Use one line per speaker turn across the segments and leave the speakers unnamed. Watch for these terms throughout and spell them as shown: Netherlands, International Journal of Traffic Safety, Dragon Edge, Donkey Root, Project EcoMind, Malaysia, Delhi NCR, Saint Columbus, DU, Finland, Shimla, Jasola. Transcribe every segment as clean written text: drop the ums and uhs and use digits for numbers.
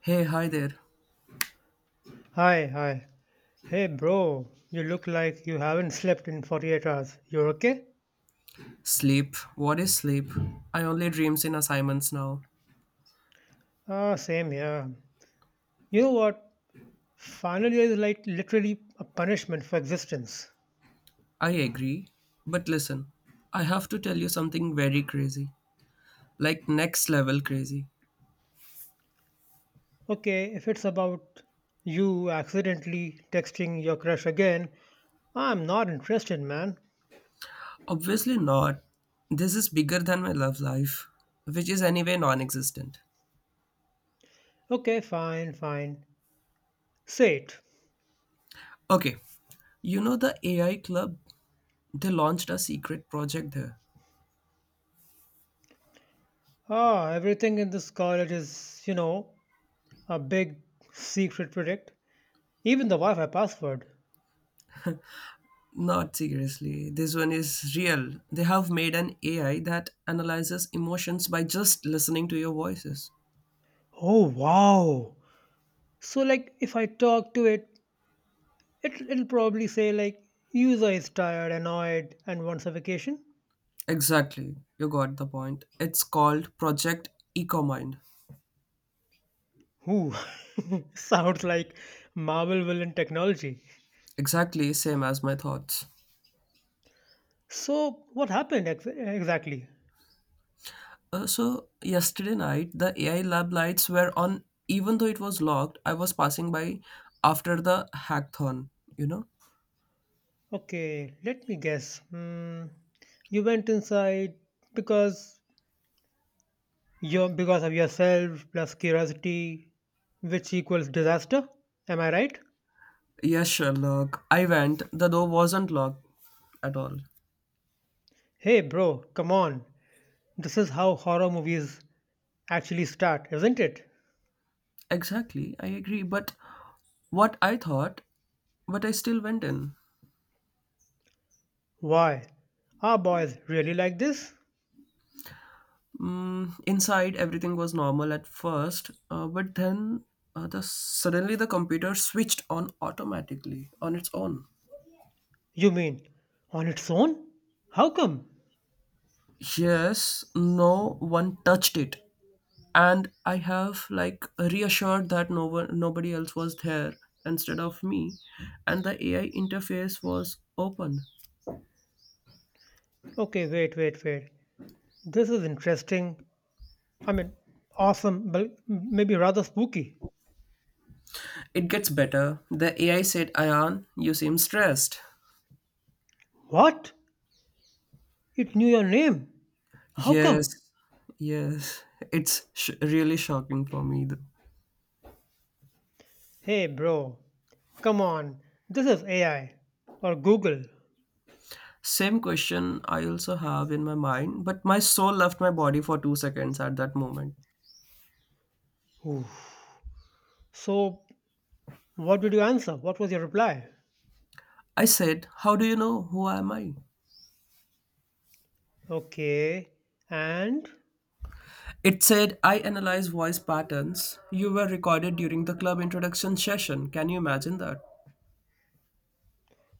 Hey, hi there.
Hi, hi. Hey, bro, you look like you haven't slept in 48 hours. You're okay?
Sleep. What is sleep? I only dreams in assignments now.
Ah, same here. You know what? Final year is like literally a punishment for existence.
I agree. But listen, I have to tell you something very crazy. Like next level crazy.
Okay, if it's about you accidentally texting your crush again, I'm not interested, man.
Obviously not. This is bigger than my love life, which is anyway non existent.
Okay, fine, fine. Say it.
Okay, you know the AI club? They launched a secret project there.
Ah, everything in this college is, a big secret project. Even the Wi Fi password.
Not seriously. This one is real. They have made an AI that analyzes emotions by just listening to your voices.
Oh, wow. So like if I talk to it, it'll probably say like user is tired, annoyed, and wants a vacation.
Exactly, you got the point. It's called Project EcoMind.
Ooh, sounds like Marvel villain technology.
Exactly, same as my thoughts.
So what happened exactly?
So, yesterday night, the AI lab lights were on, even though it was locked. I was passing by after the hackathon, you know?
Okay, let me guess. Hmm, you went inside because you because of yourself plus curiosity, which equals disaster. Am I right?
Yes, Sherlock. I went. The door wasn't locked at all.
Hey, bro, come on. This is how horror movies actually start, isn't it?
Exactly, I agree. But what I thought, but I still went in.
Why? Are boys really like this?
Inside, everything was normal at first, but then the suddenly the computer switched on automatically on its own.
You mean on its own? How come?
Yes, no one touched it, and I have like reassured that no one, nobody else was there instead of me, and the AI interface was open.
Okay, wait, wait, wait. This is interesting. I mean, awesome, but maybe rather spooky.
It gets better. The AI said, "Ayan, you seem stressed."
What? It knew your name? How
Yes,
come?
yes, it's really shocking for me.
Hey, bro, come on. This is AI or Google.
Same question I also have in my mind, but my soul left my body for 2 seconds at that moment.
Oof. So, what did you answer? What was your reply?
I said, "How do you know who am I?"
Okay, and
It said, "I analyze voice patterns. You were recorded during the club introduction session." Can you imagine that?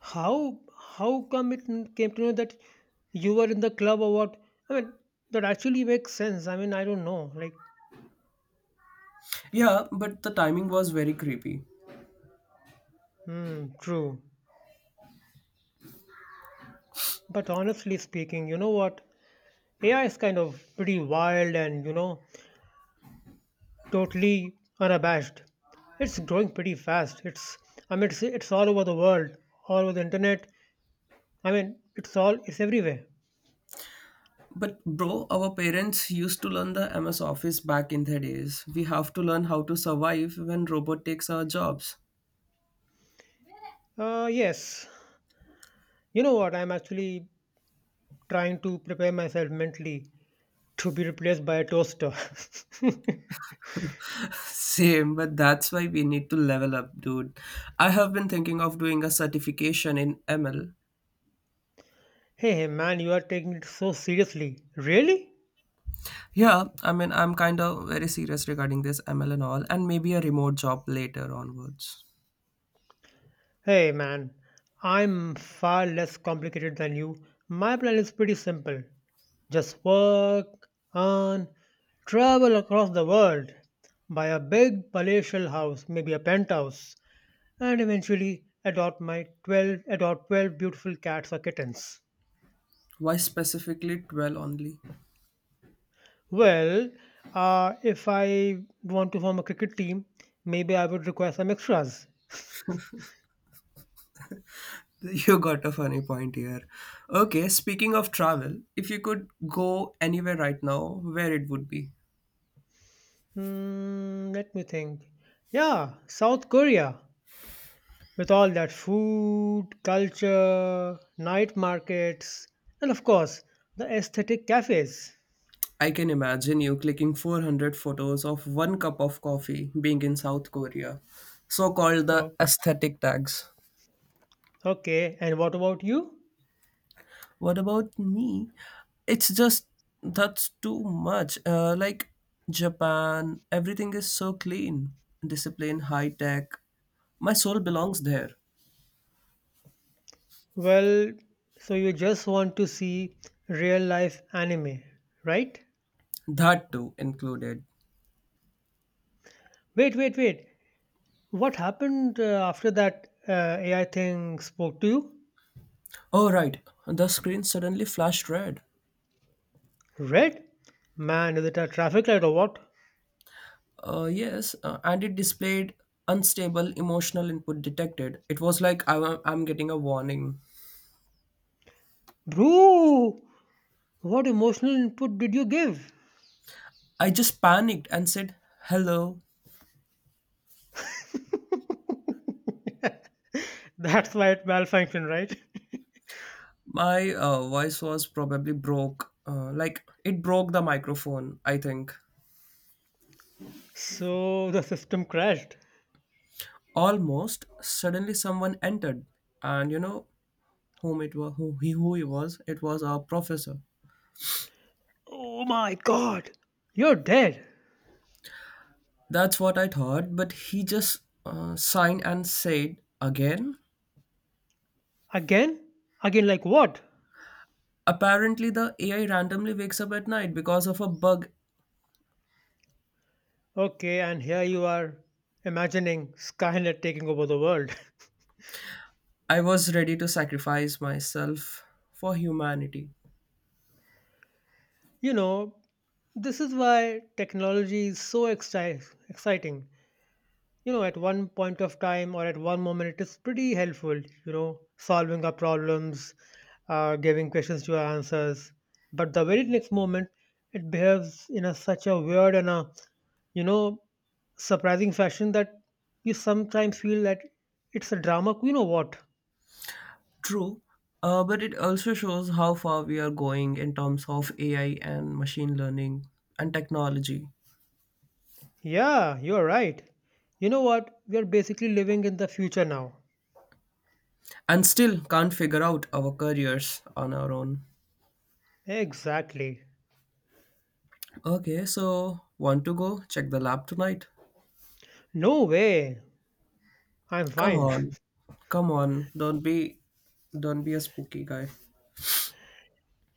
How how come it came to know that you were in the club or what? I mean, that actually makes sense. I mean, I don't know. Like,
Yeah, but the timing was very creepy.
hmm, true. But honestly speaking, you know what? AI is kind of pretty wild and, you know, totally unabashed. It's growing pretty fast. It's I mean, it's all over the world, all over the internet. I mean, it's everywhere.
But bro, our parents used to learn the MS Office back in the days. We have to learn how to survive when robot takes our jobs.
Yes. You know what? I'm actually trying to prepare myself mentally to be replaced by a toaster. hey,
Same, but that's why we need to level up, dude. I have been thinking of doing a certification in ML.
hey, man, you are taking it so seriously. Really?
Yeah, I mean, I'm kind of very serious regarding this ML and all, and maybe a remote job later onwards.
Hey, man, I'm far less complicated than you. My plan is pretty simple, just work and travel across the world, buy a big palatial house, maybe a penthouse, and eventually adopt 12 beautiful cats or kittens.
Why specifically 12 only?
Well, if I want to form a cricket team, maybe I would require some extras.
You got a funny point here. Okay, speaking of travel, if you could go anywhere right now, where it would be?
Hmm, let me think. Yeah, South Korea, with all that food, culture, night markets, and of course, the aesthetic cafes.
I can imagine you clicking 400 photos of one cup of coffee being in South Korea, so called the
Oh,
aesthetic tags.
okay, and what about you?
What about me? It's just that's too much. Like Japan, everything is so clean, discipline, high tech. My soul belongs there.
Well, so you just want to see real life anime, right?
That too included.
Wait, wait, wait. What happened after that AI thing spoke to you?
Oh, right. The screen suddenly flashed red.
Red? Man, is it a traffic light or what?
Yes, and it displayed unstable emotional input detected. It was like I'm getting a warning.
Bro, what emotional input did you give?
I just panicked and said, "Hello."
That's why it malfunctioned, right?
My voice was probably broke. Like, it broke the microphone, I think.
So the system crashed.
Almost suddenly someone entered, and you know whom it was, who he was. It was our professor.
Oh my god! You're dead!
That's what I thought, but he just signed and said again.
Again? Again, like what?
Apparently, the AI randomly wakes up at night because of a bug.
Okay, and here you are imagining Skynet taking over the world.
I was ready to sacrifice myself for humanity.
You know, this is why technology is so exciting. You know, at one point of time or at one moment, it is pretty helpful, you know, solving our problems, giving questions to our answers. But the very next moment, it behaves in a such a weird and a, you know, surprising fashion that you sometimes feel that it's a drama queen or what?
True, but it also shows how far we are going in terms of AI and machine learning and technology,
Yeah, you're right. You know what? We are basically living in the future now.
and still can't figure out our careers on our own.
Exactly.
Okay, so want to go check the lab tonight?
No way. I'm
Come
fine.
on, come on, don't be a spooky guy.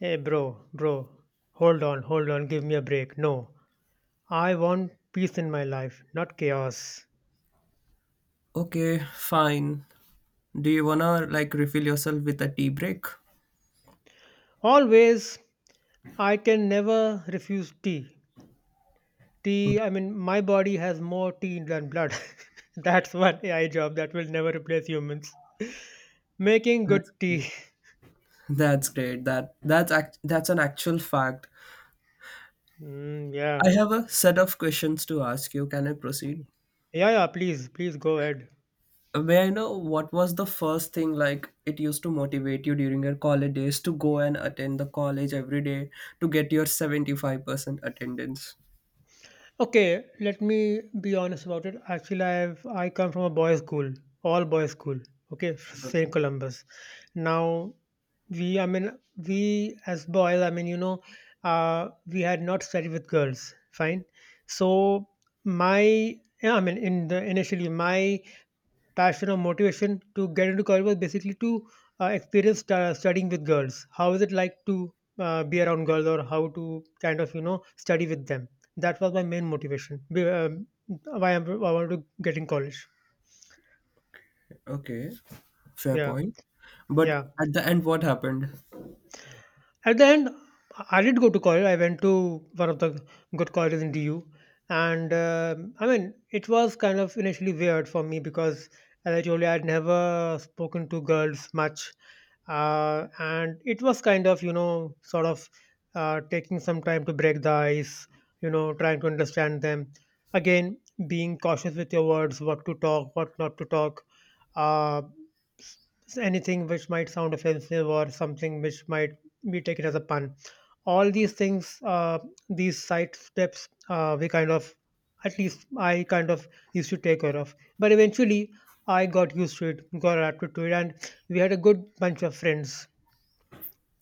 Hey, bro, bro. Hold on, hold on. Give me a break. No. I want peace in my life, not chaos.
Okay, fine. Do you wanna like refill yourself with a tea break?
Always, I can never refuse tea. Tea, I mean, my body has more tea than blood. That's one AI job that will never replace humans. Making
That's
good
great.
tea.
That's great. That's an actual fact.
Mm, yeah.
I have a set of questions to ask you. Can I proceed?
Yeah, yeah, please, please go ahead.
May I know what was the first thing like it used to motivate you during your college days to go and attend the college every day to get your 75% attendance?
Okay, let me be honest about it. Actually, I come from a boys' school, all boys' school. Okay, Saint
Okay.
Columbus. Now, we I mean we as boys, I mean, you know, we had not studied with girls. Fine. So my yeah, I mean in the initially my passion or motivation to get into college was basically to experience studying with girls. How is it like to be around girls, or how to kind of, you know, study with them? That was my main motivation. Why I wanted to get in college.
Okay. Fair
Yeah,
point. But
yeah.
at the end, what happened?
At the end, I did go to college. I went to one of the good colleges in DU, and I mean, it was kind of initially weird for me because, as I told you, I'd never spoken to girls much, and it was kind of, you know, sort of, taking some time to break the ice, you know, trying to understand them. Again, being cautious with your words, what to talk, what not to talk. Uh, anything which might sound offensive or something which might be taken as a pun. All these things, these side steps, at least I kind of used to take care of. But eventually, I got used to it, got adapted to it, and we had a good bunch of friends.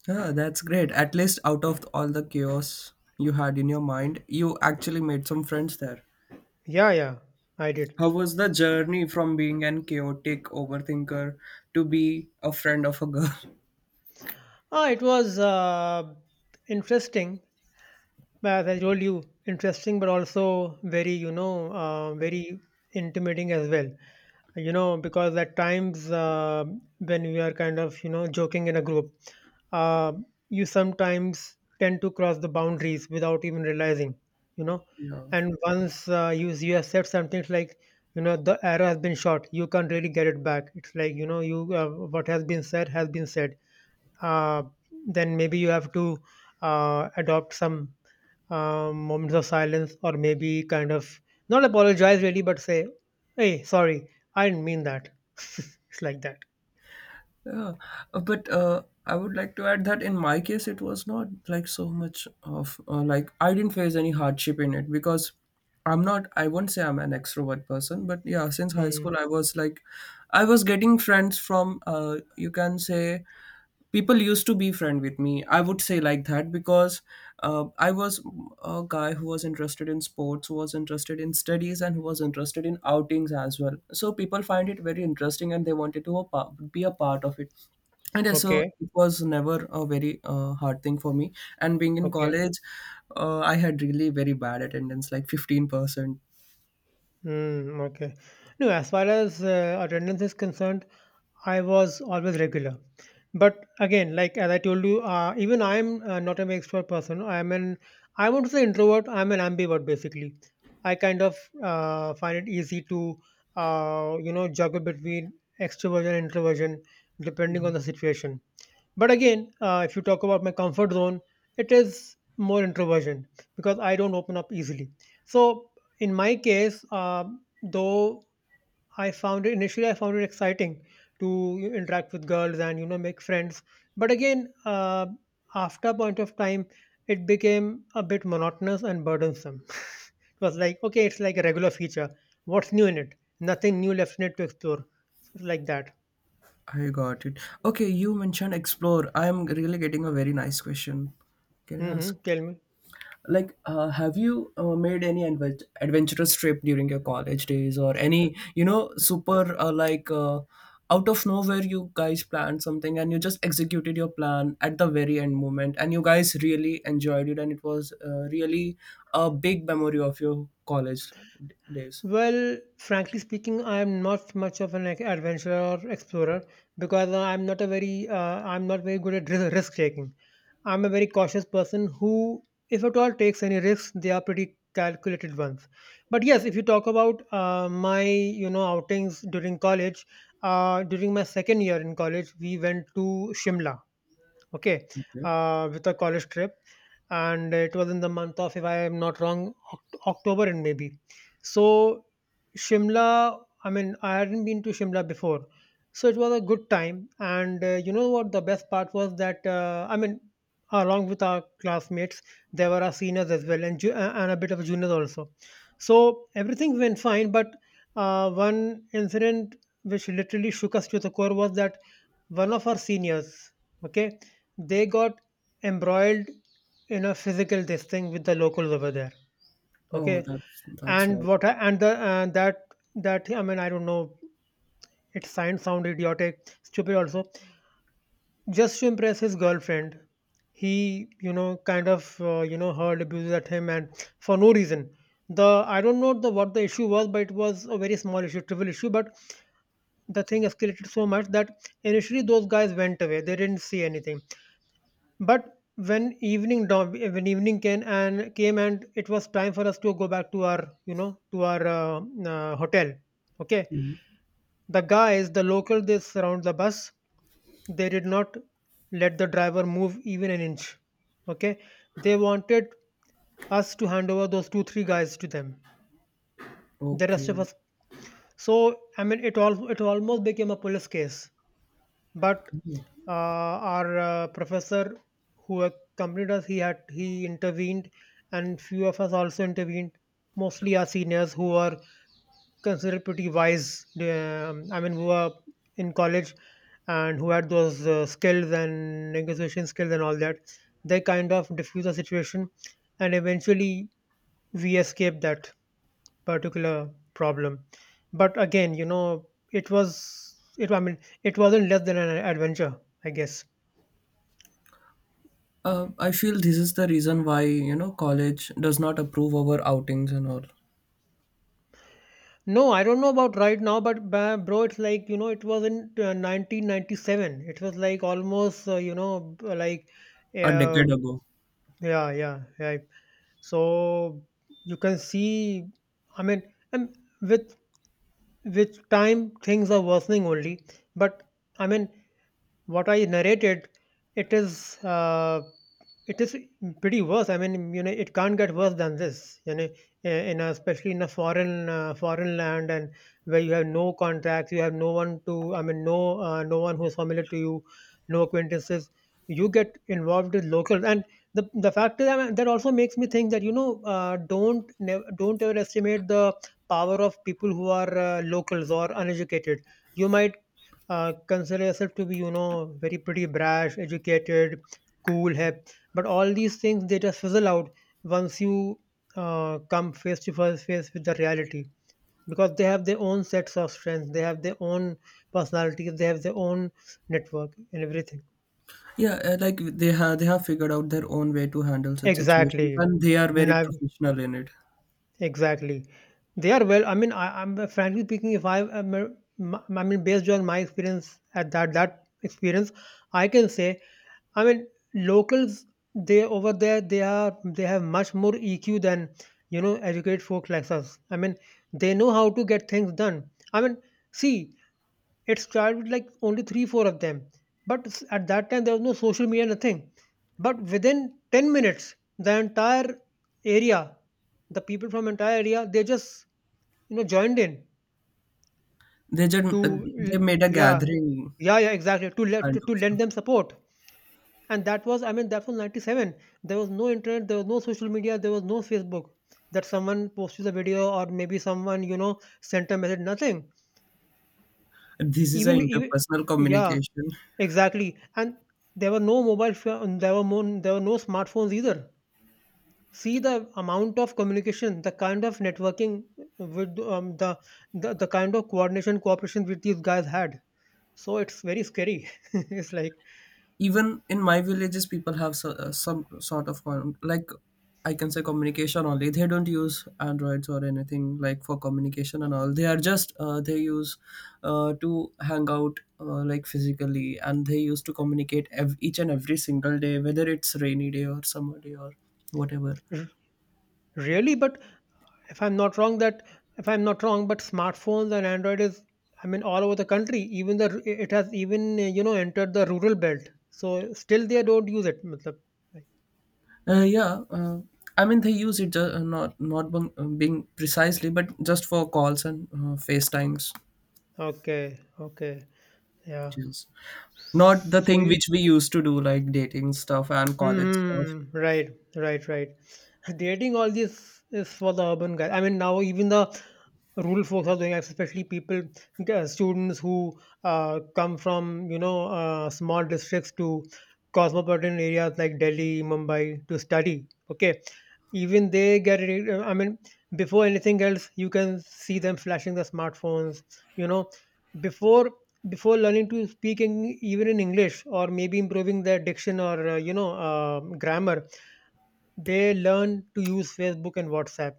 Yeah, that's great. At least out of all the chaos you had in your mind, you actually made some friends there.
Yeah, yeah, I did.
How was the journey from being an chaotic overthinker to be a friend of a girl?
Ah, it was interesting. As I told you, interesting, but also very, you know, very intimidating as well. You know, because at times, when we are kind of, you know, joking in a group, uh, you sometimes tend to cross the boundaries without even realizing, you know,
Yeah,
and once, you have said something, it's like, you know, the arrow has been shot, you can't really get it back. It's like, you know, you what has been said has been said, uh, then maybe you have to adopt some moments of silence, or maybe kind of not apologize really, but say, "Hey, sorry, I didn't mean that." It's like that.
yeah. But I would like to add that in my case, it was not like so much of like I didn't face any hardship in it because I won't say I'm an extrovert person, but yeah, since high school,
Hmm.
I was getting friends from, you can say, people used to be friend with me, I would say like that, because I was a guy who was interested in sports, who was interested in studies, and who was interested in outings as well, so people find it very interesting and they wanted to be a part of it. And yeah, so
Okay.
it was never a very hard thing for me, and being in
Okay.
college, I had really very bad attendance, like 15%.
Hmm. Okay. No, as far as attendance is concerned, I was always regular. But again, like as I told you, even I'm not an extrovert person. I won't say introvert, I'm an ambivert basically. I kind of, find it easy to, you know, juggle between extroversion and introversion depending on the situation. But again, if you talk about my comfort zone, it is more introversion because I don't open up easily. So in my case, um, though I found it initially. I found it exciting to, you know, interact with girls and, you know, make friends. But again, after a point of time, it became a bit monotonous and burdensome. It was like, okay, it's like a regular feature. What's new in it? Nothing new left in it to explore. It's like that.
I got it. Okay, you mentioned explore, I am really getting a very nice question. Can I
Hmm.
ask?
Tell me.
Like, have you made any adventurous trip during your college days, or any super like out of nowhere you guys planned something and you just executed your plan at the very end moment and you guys really enjoyed it and it was really a big memory of your college days.
Well, frankly speaking, I am not much of an adventurer or explorer because I'm not very good at risk taking. I'm a very cautious person who, if at all, takes any risks. They are pretty calculated ones. But yes, if you talk about my, you know, outings during college, during my second year in college, we went to Shimla, okay, with a college trip, and it was in the month of, if I am not wrong, October and maybe. So Shimla, I mean, I hadn't been to Shimla before, so it was a good time. And you know what? The best part was that I mean, along with our classmates, there were our seniors as well, and a bit of juniors also. So everything went fine, but one incident which literally shook us to the core was that one of our seniors, okay, they got embroiled in a physical this thing with the locals over there,
Oh,
okay,
that's
and
sad.
what I, and the and that I don't know, it sound idiotic, stupid also, just to impress his girlfriend, he, you know, kind of you know, hurled abuses at him, and for no reason. The I don't know the what the issue was, but it was a very small issue, trivial issue, but the thing escalated so much that initially those guys went away, they didn't see anything. But when evening came and it was time for us to go back to our, you know, to our hotel. Okay,
Mhm.
the guys, the local, they surround the bus. They did not let the driver move even an inch. Okay, they wanted us to hand over those two three guys to them. The rest
Okay.
of us. So I mean, it almost became a police case, but our professor who accompanied us, he intervened, and few of us also intervened, mostly our seniors who are considered pretty wise, I mean, who are in college and who had those skills and negotiation skills and all that. They kind of diffuse the situation, and eventually we escaped that particular problem. But again, you know, it was it. I mean, it wasn't less than an adventure, I guess.
I feel this is the reason why, college does not approve our outings and all.
No, I don't know about right now, but bro, it's like you know, it was in 1997. It was like almost
A
uh,
decade ago.
yeah, yeah, yeah. So you can see, I mean, and with with time things are worsening only. But I mean, what I narrated, it is uh, it is pretty worse. I mean, you know, it can't get worse than this. In a, especially in a foreign foreign land and where you have no contacts, you have no one to. I mean, no one who's familiar to you, no acquaintances. You get involved with locals, and the fact is, I mean, that also makes me think that you know, don't overestimate the power of people who are locals or uneducated. You might consider yourself to be you know very pretty brash educated cool hip, but all these things they just fizzle out once you come face to face with the reality, because they have their own sets of strengths, they have their own personalities, they have their own network and everything.
Yeah, like they have figured out their own way to handle such situations,
Exactly.
and they are very
Nav-
professional in it.
exactly, they are well, I mean I'm frankly speaking, if I am a- m- I mean based on my experience at that experience, I can say, I mean, locals, they over there, they have much more EQ than you know educated folks like us. I mean, they know how to get things done. I mean, see, it started with like only 3 4 of them, but at that time there was no social media, nothing. But within 10 minutes, the entire area, the people from entire area, they just you know joined in
They just
to
they made a
yeah
gathering
yeah yeah exactly to
kind of
to lend
stuff.
them support. And that was, I mean, that was 97, there was no internet, there was no social media, there was no Facebook, that someone posted a video or maybe someone you know sent a message, nothing.
This is
even
an
even
interpersonal
yeah
communication.
exactly, and there were no mobile pho- there were more, there were no smartphones either. See the amount of communication, the kind of networking with the kind of coordination cooperation with these guys had, so it's very scary it's like
Even in my villages, people have so, some sort of like I can say communication only. They don't use androids or anything like for communication, and all they are just they use, to hang out, like physically, and they used to communicate each and every single day, whether it's rainy day or summer day or whatever.
really, but if I'm not wrong, that if I'm not wrong, but smartphones and Android is, I mean, all over the country. Even it has even you know entered the rural belt. So still they don't use it. मतलब, like,
Yeah, I mean they use it not being precisely, but just for calls and facetimes.
okay, okay, yeah.
Just not the
So
thing
you-
which we used to do, like dating stuff and college stuff.
hmm, right, right, right. Dating, all this is for the urban guy. I mean, now even the rural folks are doing, especially people, students who come from you know small districts to cosmopolitan areas like Delhi, Mumbai to study. Okay, even they get. I mean, before anything else, you can see them flashing the smartphones. You know, before before learning to speak in, even in English, or maybe improving their diction or grammar, they learn to use Facebook and WhatsApp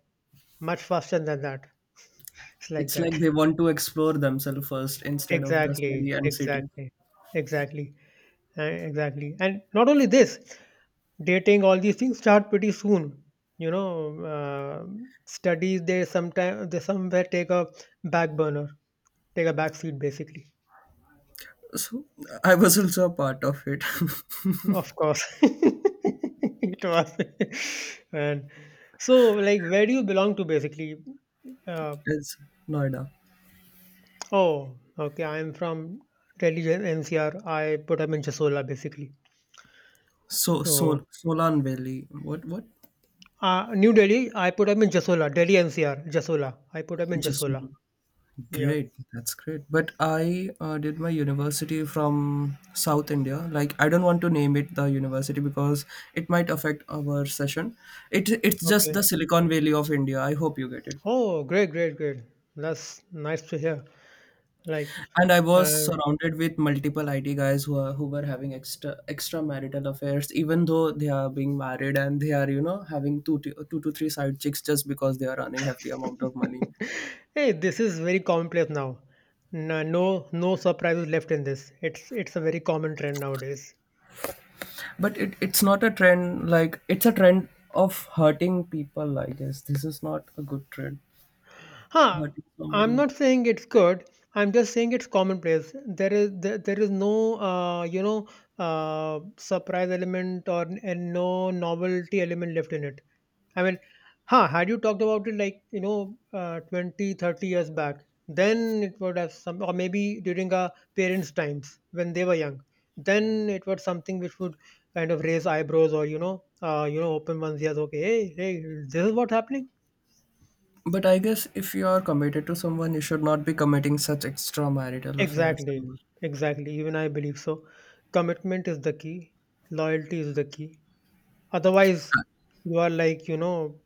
much faster than that. It's like
It's
that.
like they want to explore themselves first instead of the
Exactly,
study and city.
exactly, exactly, exactly. And not only this, dating, all these things start pretty soon. You know, studies, they somewhere take a back burner, take a back seat basically.
So I was also a part of it.
Of course, it was. And so, like, where do you belong to basically? Uh,
It's Noida.
oh, okay, I'm from Delhi NCR. I put up in Chasola basically.
So,
So
so Solan Valley. What? What?
New Delhi, I put up in Jasola, Delhi NCR, Jasola. I put up in
Just
Jasola.
Solan.
Yeah.
Great, that's great. But I did my university from South India. Like I don't want to name it the university because it might affect our session. It's just
Okay.
the Silicon Valley of India. I hope you get it.
Oh, great, great, great. That's nice to hear. Like,
And I was
uh,
surrounded with multiple IT guys who were having extra extramarital affairs, even though they are being married and they are having two to three side chicks just because they are earning hefty amount of money.
hey, this is very commonplace now. No, no, no surprises left in this. It's a very common trend nowadays.
But it's not a trend, like it's a trend of hurting people, I guess. This is not a good trend.
Huh.
Hurting
I'm
someone.
not saying it's good. I'm just saying it's commonplace. There is no surprise element or and no novelty element left in it. I mean, huh, had you talked about it like, you know, 20, 30 years back, then it would have some, or maybe during our parents' times when they were young, then it was something which would kind of raise eyebrows or, you know, open one's ears, okay, hey, hey, this is what's happening.
But I guess if you are committed to someone, you should not be committing such extramarital affairs and
Exactly,
all.
exactly. Even I believe so. Commitment is the key, loyalty is the key. Otherwise, you are like, you know,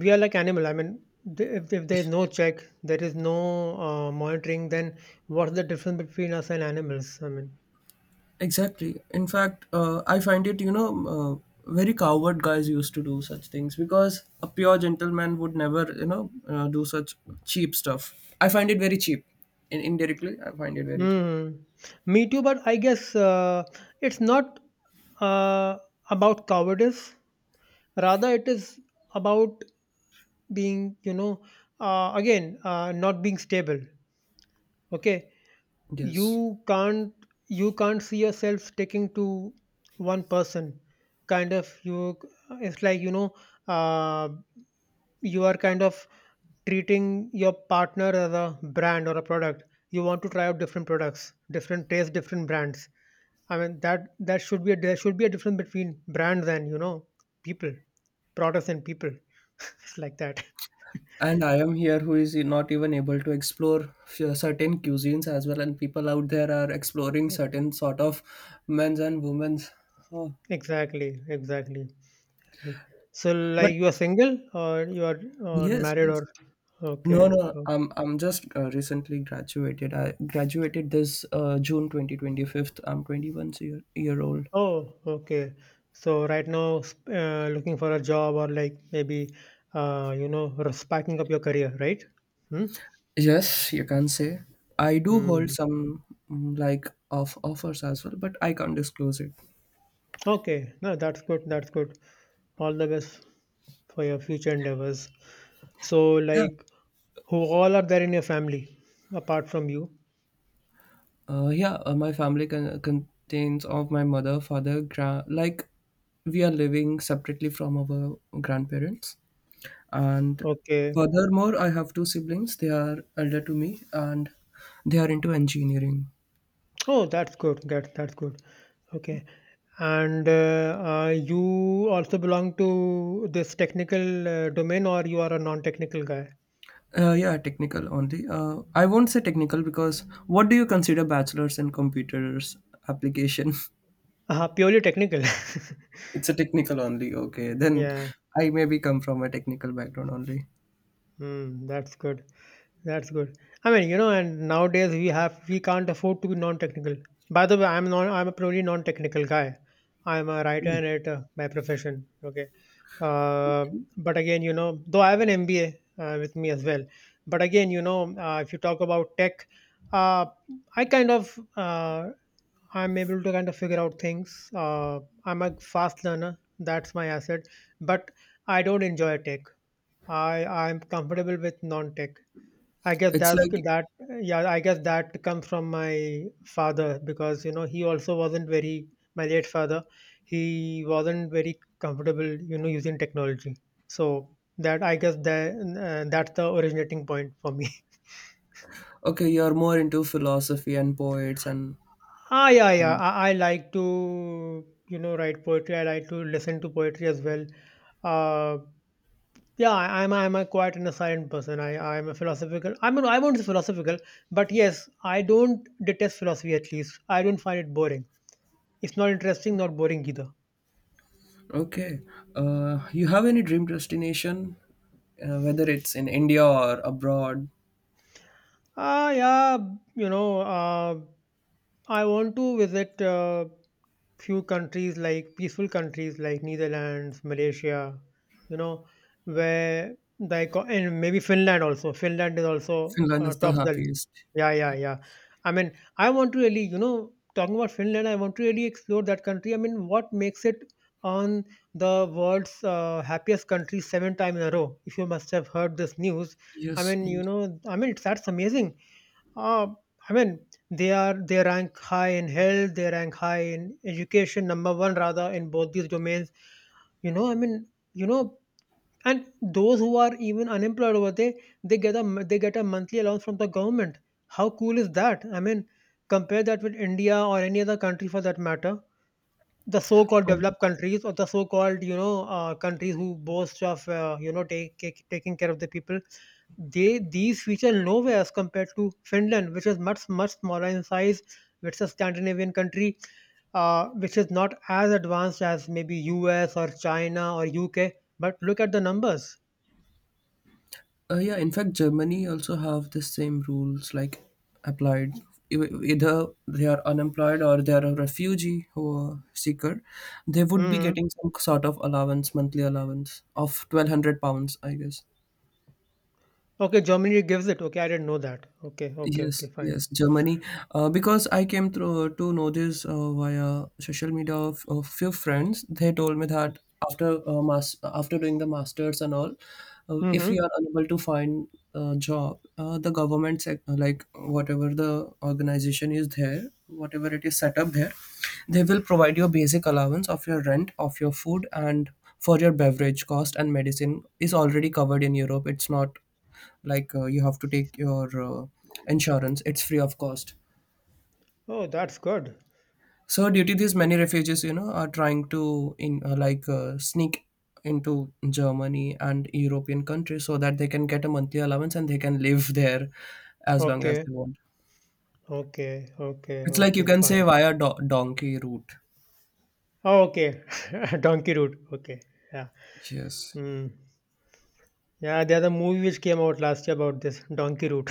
we are like animal, I mean if there's no check, there is no monitoring, then what's the difference between us and animals, I mean
Exactly. In fact, I find it, very coward guys used to do such things because a pure gentleman would never, do such cheap stuff. I find it very cheap. Indirectly, I find it very cheap.
hmm, me too, but I guess it's not uh, about cowardice, rather it is about being you know again not being stable, okay.
Yes.
You can't, you can't see yourself sticking to one person, kind of you, it's like you know, uh, you are kind of treating your partner as a brand or a product, you want to try out different products, different tastes, different brands, I mean that should be a there should be a difference between brands and you know people, products and people. It's like that.
And I am here who is not even able to explore certain cuisines as well. And people out there are exploring certain sort of men's and women's. Oh.
Exactly, exactly, exactly. So,
But
like, you are single, or you are or
yes,
married,
yes.
or okay.
No, no. I'm just recently graduated. I graduated this June 2025. I'm 21 year old.
Oh, okay. So right now, looking for a job, or like maybe, you know, spiking up your career, right? Hmm.
Yes, you can say. I do hold
Hmm.
some like of offers as well, but I can't disclose it.
Okay. No, that's good. That's good. All the best for your future endeavors. So,
Yeah.
like, who all are there in your family apart from you?
Yeah, my family contains of my mother, father, like we are living separately from our grandparents. And
Okay.
furthermore, I have two siblings. They are elder to me, and they are into engineering.
Oh, that's good. That that's good. Okay. And you also belong to this technical domain, or you are a non-technical guy?
Yeah, technical only. I won't say technical because what do you consider bachelor's in computers application?
Uh, purely technical.
It's a technical only. Okay, then
Yeah.
I maybe come from a technical background only.
Mm, that's good. That's good. I mean, you know, and nowadays we can't afford to be non-technical. By the way, I'm a purely non-technical guy. I'm a writer
Mm.
and editor by profession. Okay. Uh, but again, you know, though I have an MBA with me as well. But again, you know, if you talk about tech, uh, I kind of I'm able to kind of figure out things. I'm a fast learner. That's my asset. But I don't enjoy tech. I'm comfortable with non-tech. I guess
It's
that's
like.
that. Yeah, I guess that comes from my father, because you know he also wasn't very my late father. He wasn't very comfortable, you know, using technology. So that I guess that's the originating point for me.
Okay, you're more into philosophy and poets and
Ah, yeah, yeah. I like to, you know, write poetry. I like to listen to poetry as well. Uh, Yeah, I'm a quite an silent person. I'm a philosophical. I mean, I won't say philosophical, but yes, I don't detest philosophy. At least I don't find it boring. It's not interesting, not boring either.
okay. You have any dream destination, whether it's in India or abroad?
Ah, yeah, you know, I want to visit few countries like peaceful countries like Netherlands, Malaysia, you know, where the and maybe Finland also. Finland is also
Finland is the
top of the
happiest.
yeah, yeah, yeah. I mean, I want to really, you know, talking about Finland, I want to really explore that country. I mean, what makes it on the world's happiest country 7 times in a row? If you must have heard this news, I
Yes,
mean, you
yes.
know, I mean, it's that's amazing. Uh, I mean, they rank high in health, they rank high in education, number one rather in both these domains. You know, I mean, you know, and those who are even unemployed over there, they get a they get a monthly allowance from the government. How cool is that? I mean, compare that with India or any other country for that matter, the so-called
Um,
developed countries, or the so-called you know countries who boast of taking care of the people, they these feature nowhere as compared to Finland, which is much smaller in size, which is a Scandinavian country, which is not as advanced as maybe US or China or UK, but look at the numbers.
yeah, in fact, Germany also have the same rules like applied. E- Either they are unemployed or they are a refugee or seeker, they would be
Hmm,
getting some sort of allowance, monthly allowance of £1,200, I guess.
okay, Germany gives it, okay, I didn't know that, okay, okay, okay,
Yes,
fine.
yes, Germany. Because I came through to know this via social media of a few friends. They told me that after doing the masters and all, if we
Hmm.
are unable to find a job, the like whatever the organization is there, whatever it is set up there, they will provide your basic allowance of your rent, of your food, and for your beverage cost, and medicine is already covered in Europe. It's not like you have to take your insurance. It's free of cost.
Oh, that's good.
So due to this, many refugees, are trying to in like sneak into Germany and European countries so that they can get a monthly allowance and they can live there as long as
Okay,
they want.
okay, okay,
It's like you
okay,
can say
fine.
via donkey route.
Oh, okay. Donkey Root. Okay. Yeah.
Yes.
Mm. Yeah, there's a movie which came out last year about this Donkey Root.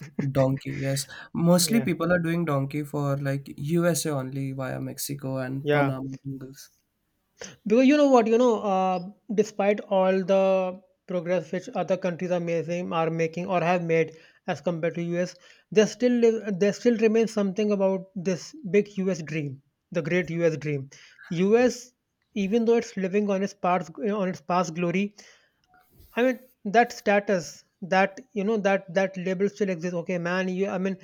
Donkey, yes. Mostly
Yeah.
people are doing donkey for like USA only via Mexico and
Yeah.
Panama jungles.
Because you know what, you know, despite all the progress which other countries are making, or have made as compared to US, there still remains something about this big US dream, the great US dream. US, even though it's living on its past glory, I mean that status, that you know, that label still exists. Okay, man, you. I mean,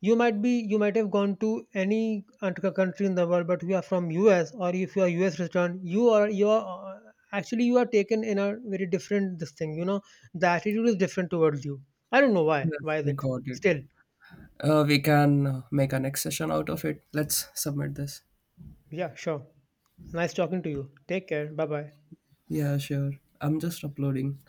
you might have gone to any country in the world, but you are from US, or if you are US return, you are uh, actually you are taken in a very different this thing. You know, the attitude is different towards you. I don't know why.
Yes,
Why is
I
it?
got it.
Still,
We can make a next session out of it. Let's submit this.
yeah, sure. Nice talking to you. Take care. Bye bye.
Yeah, sure. I'm just uploading.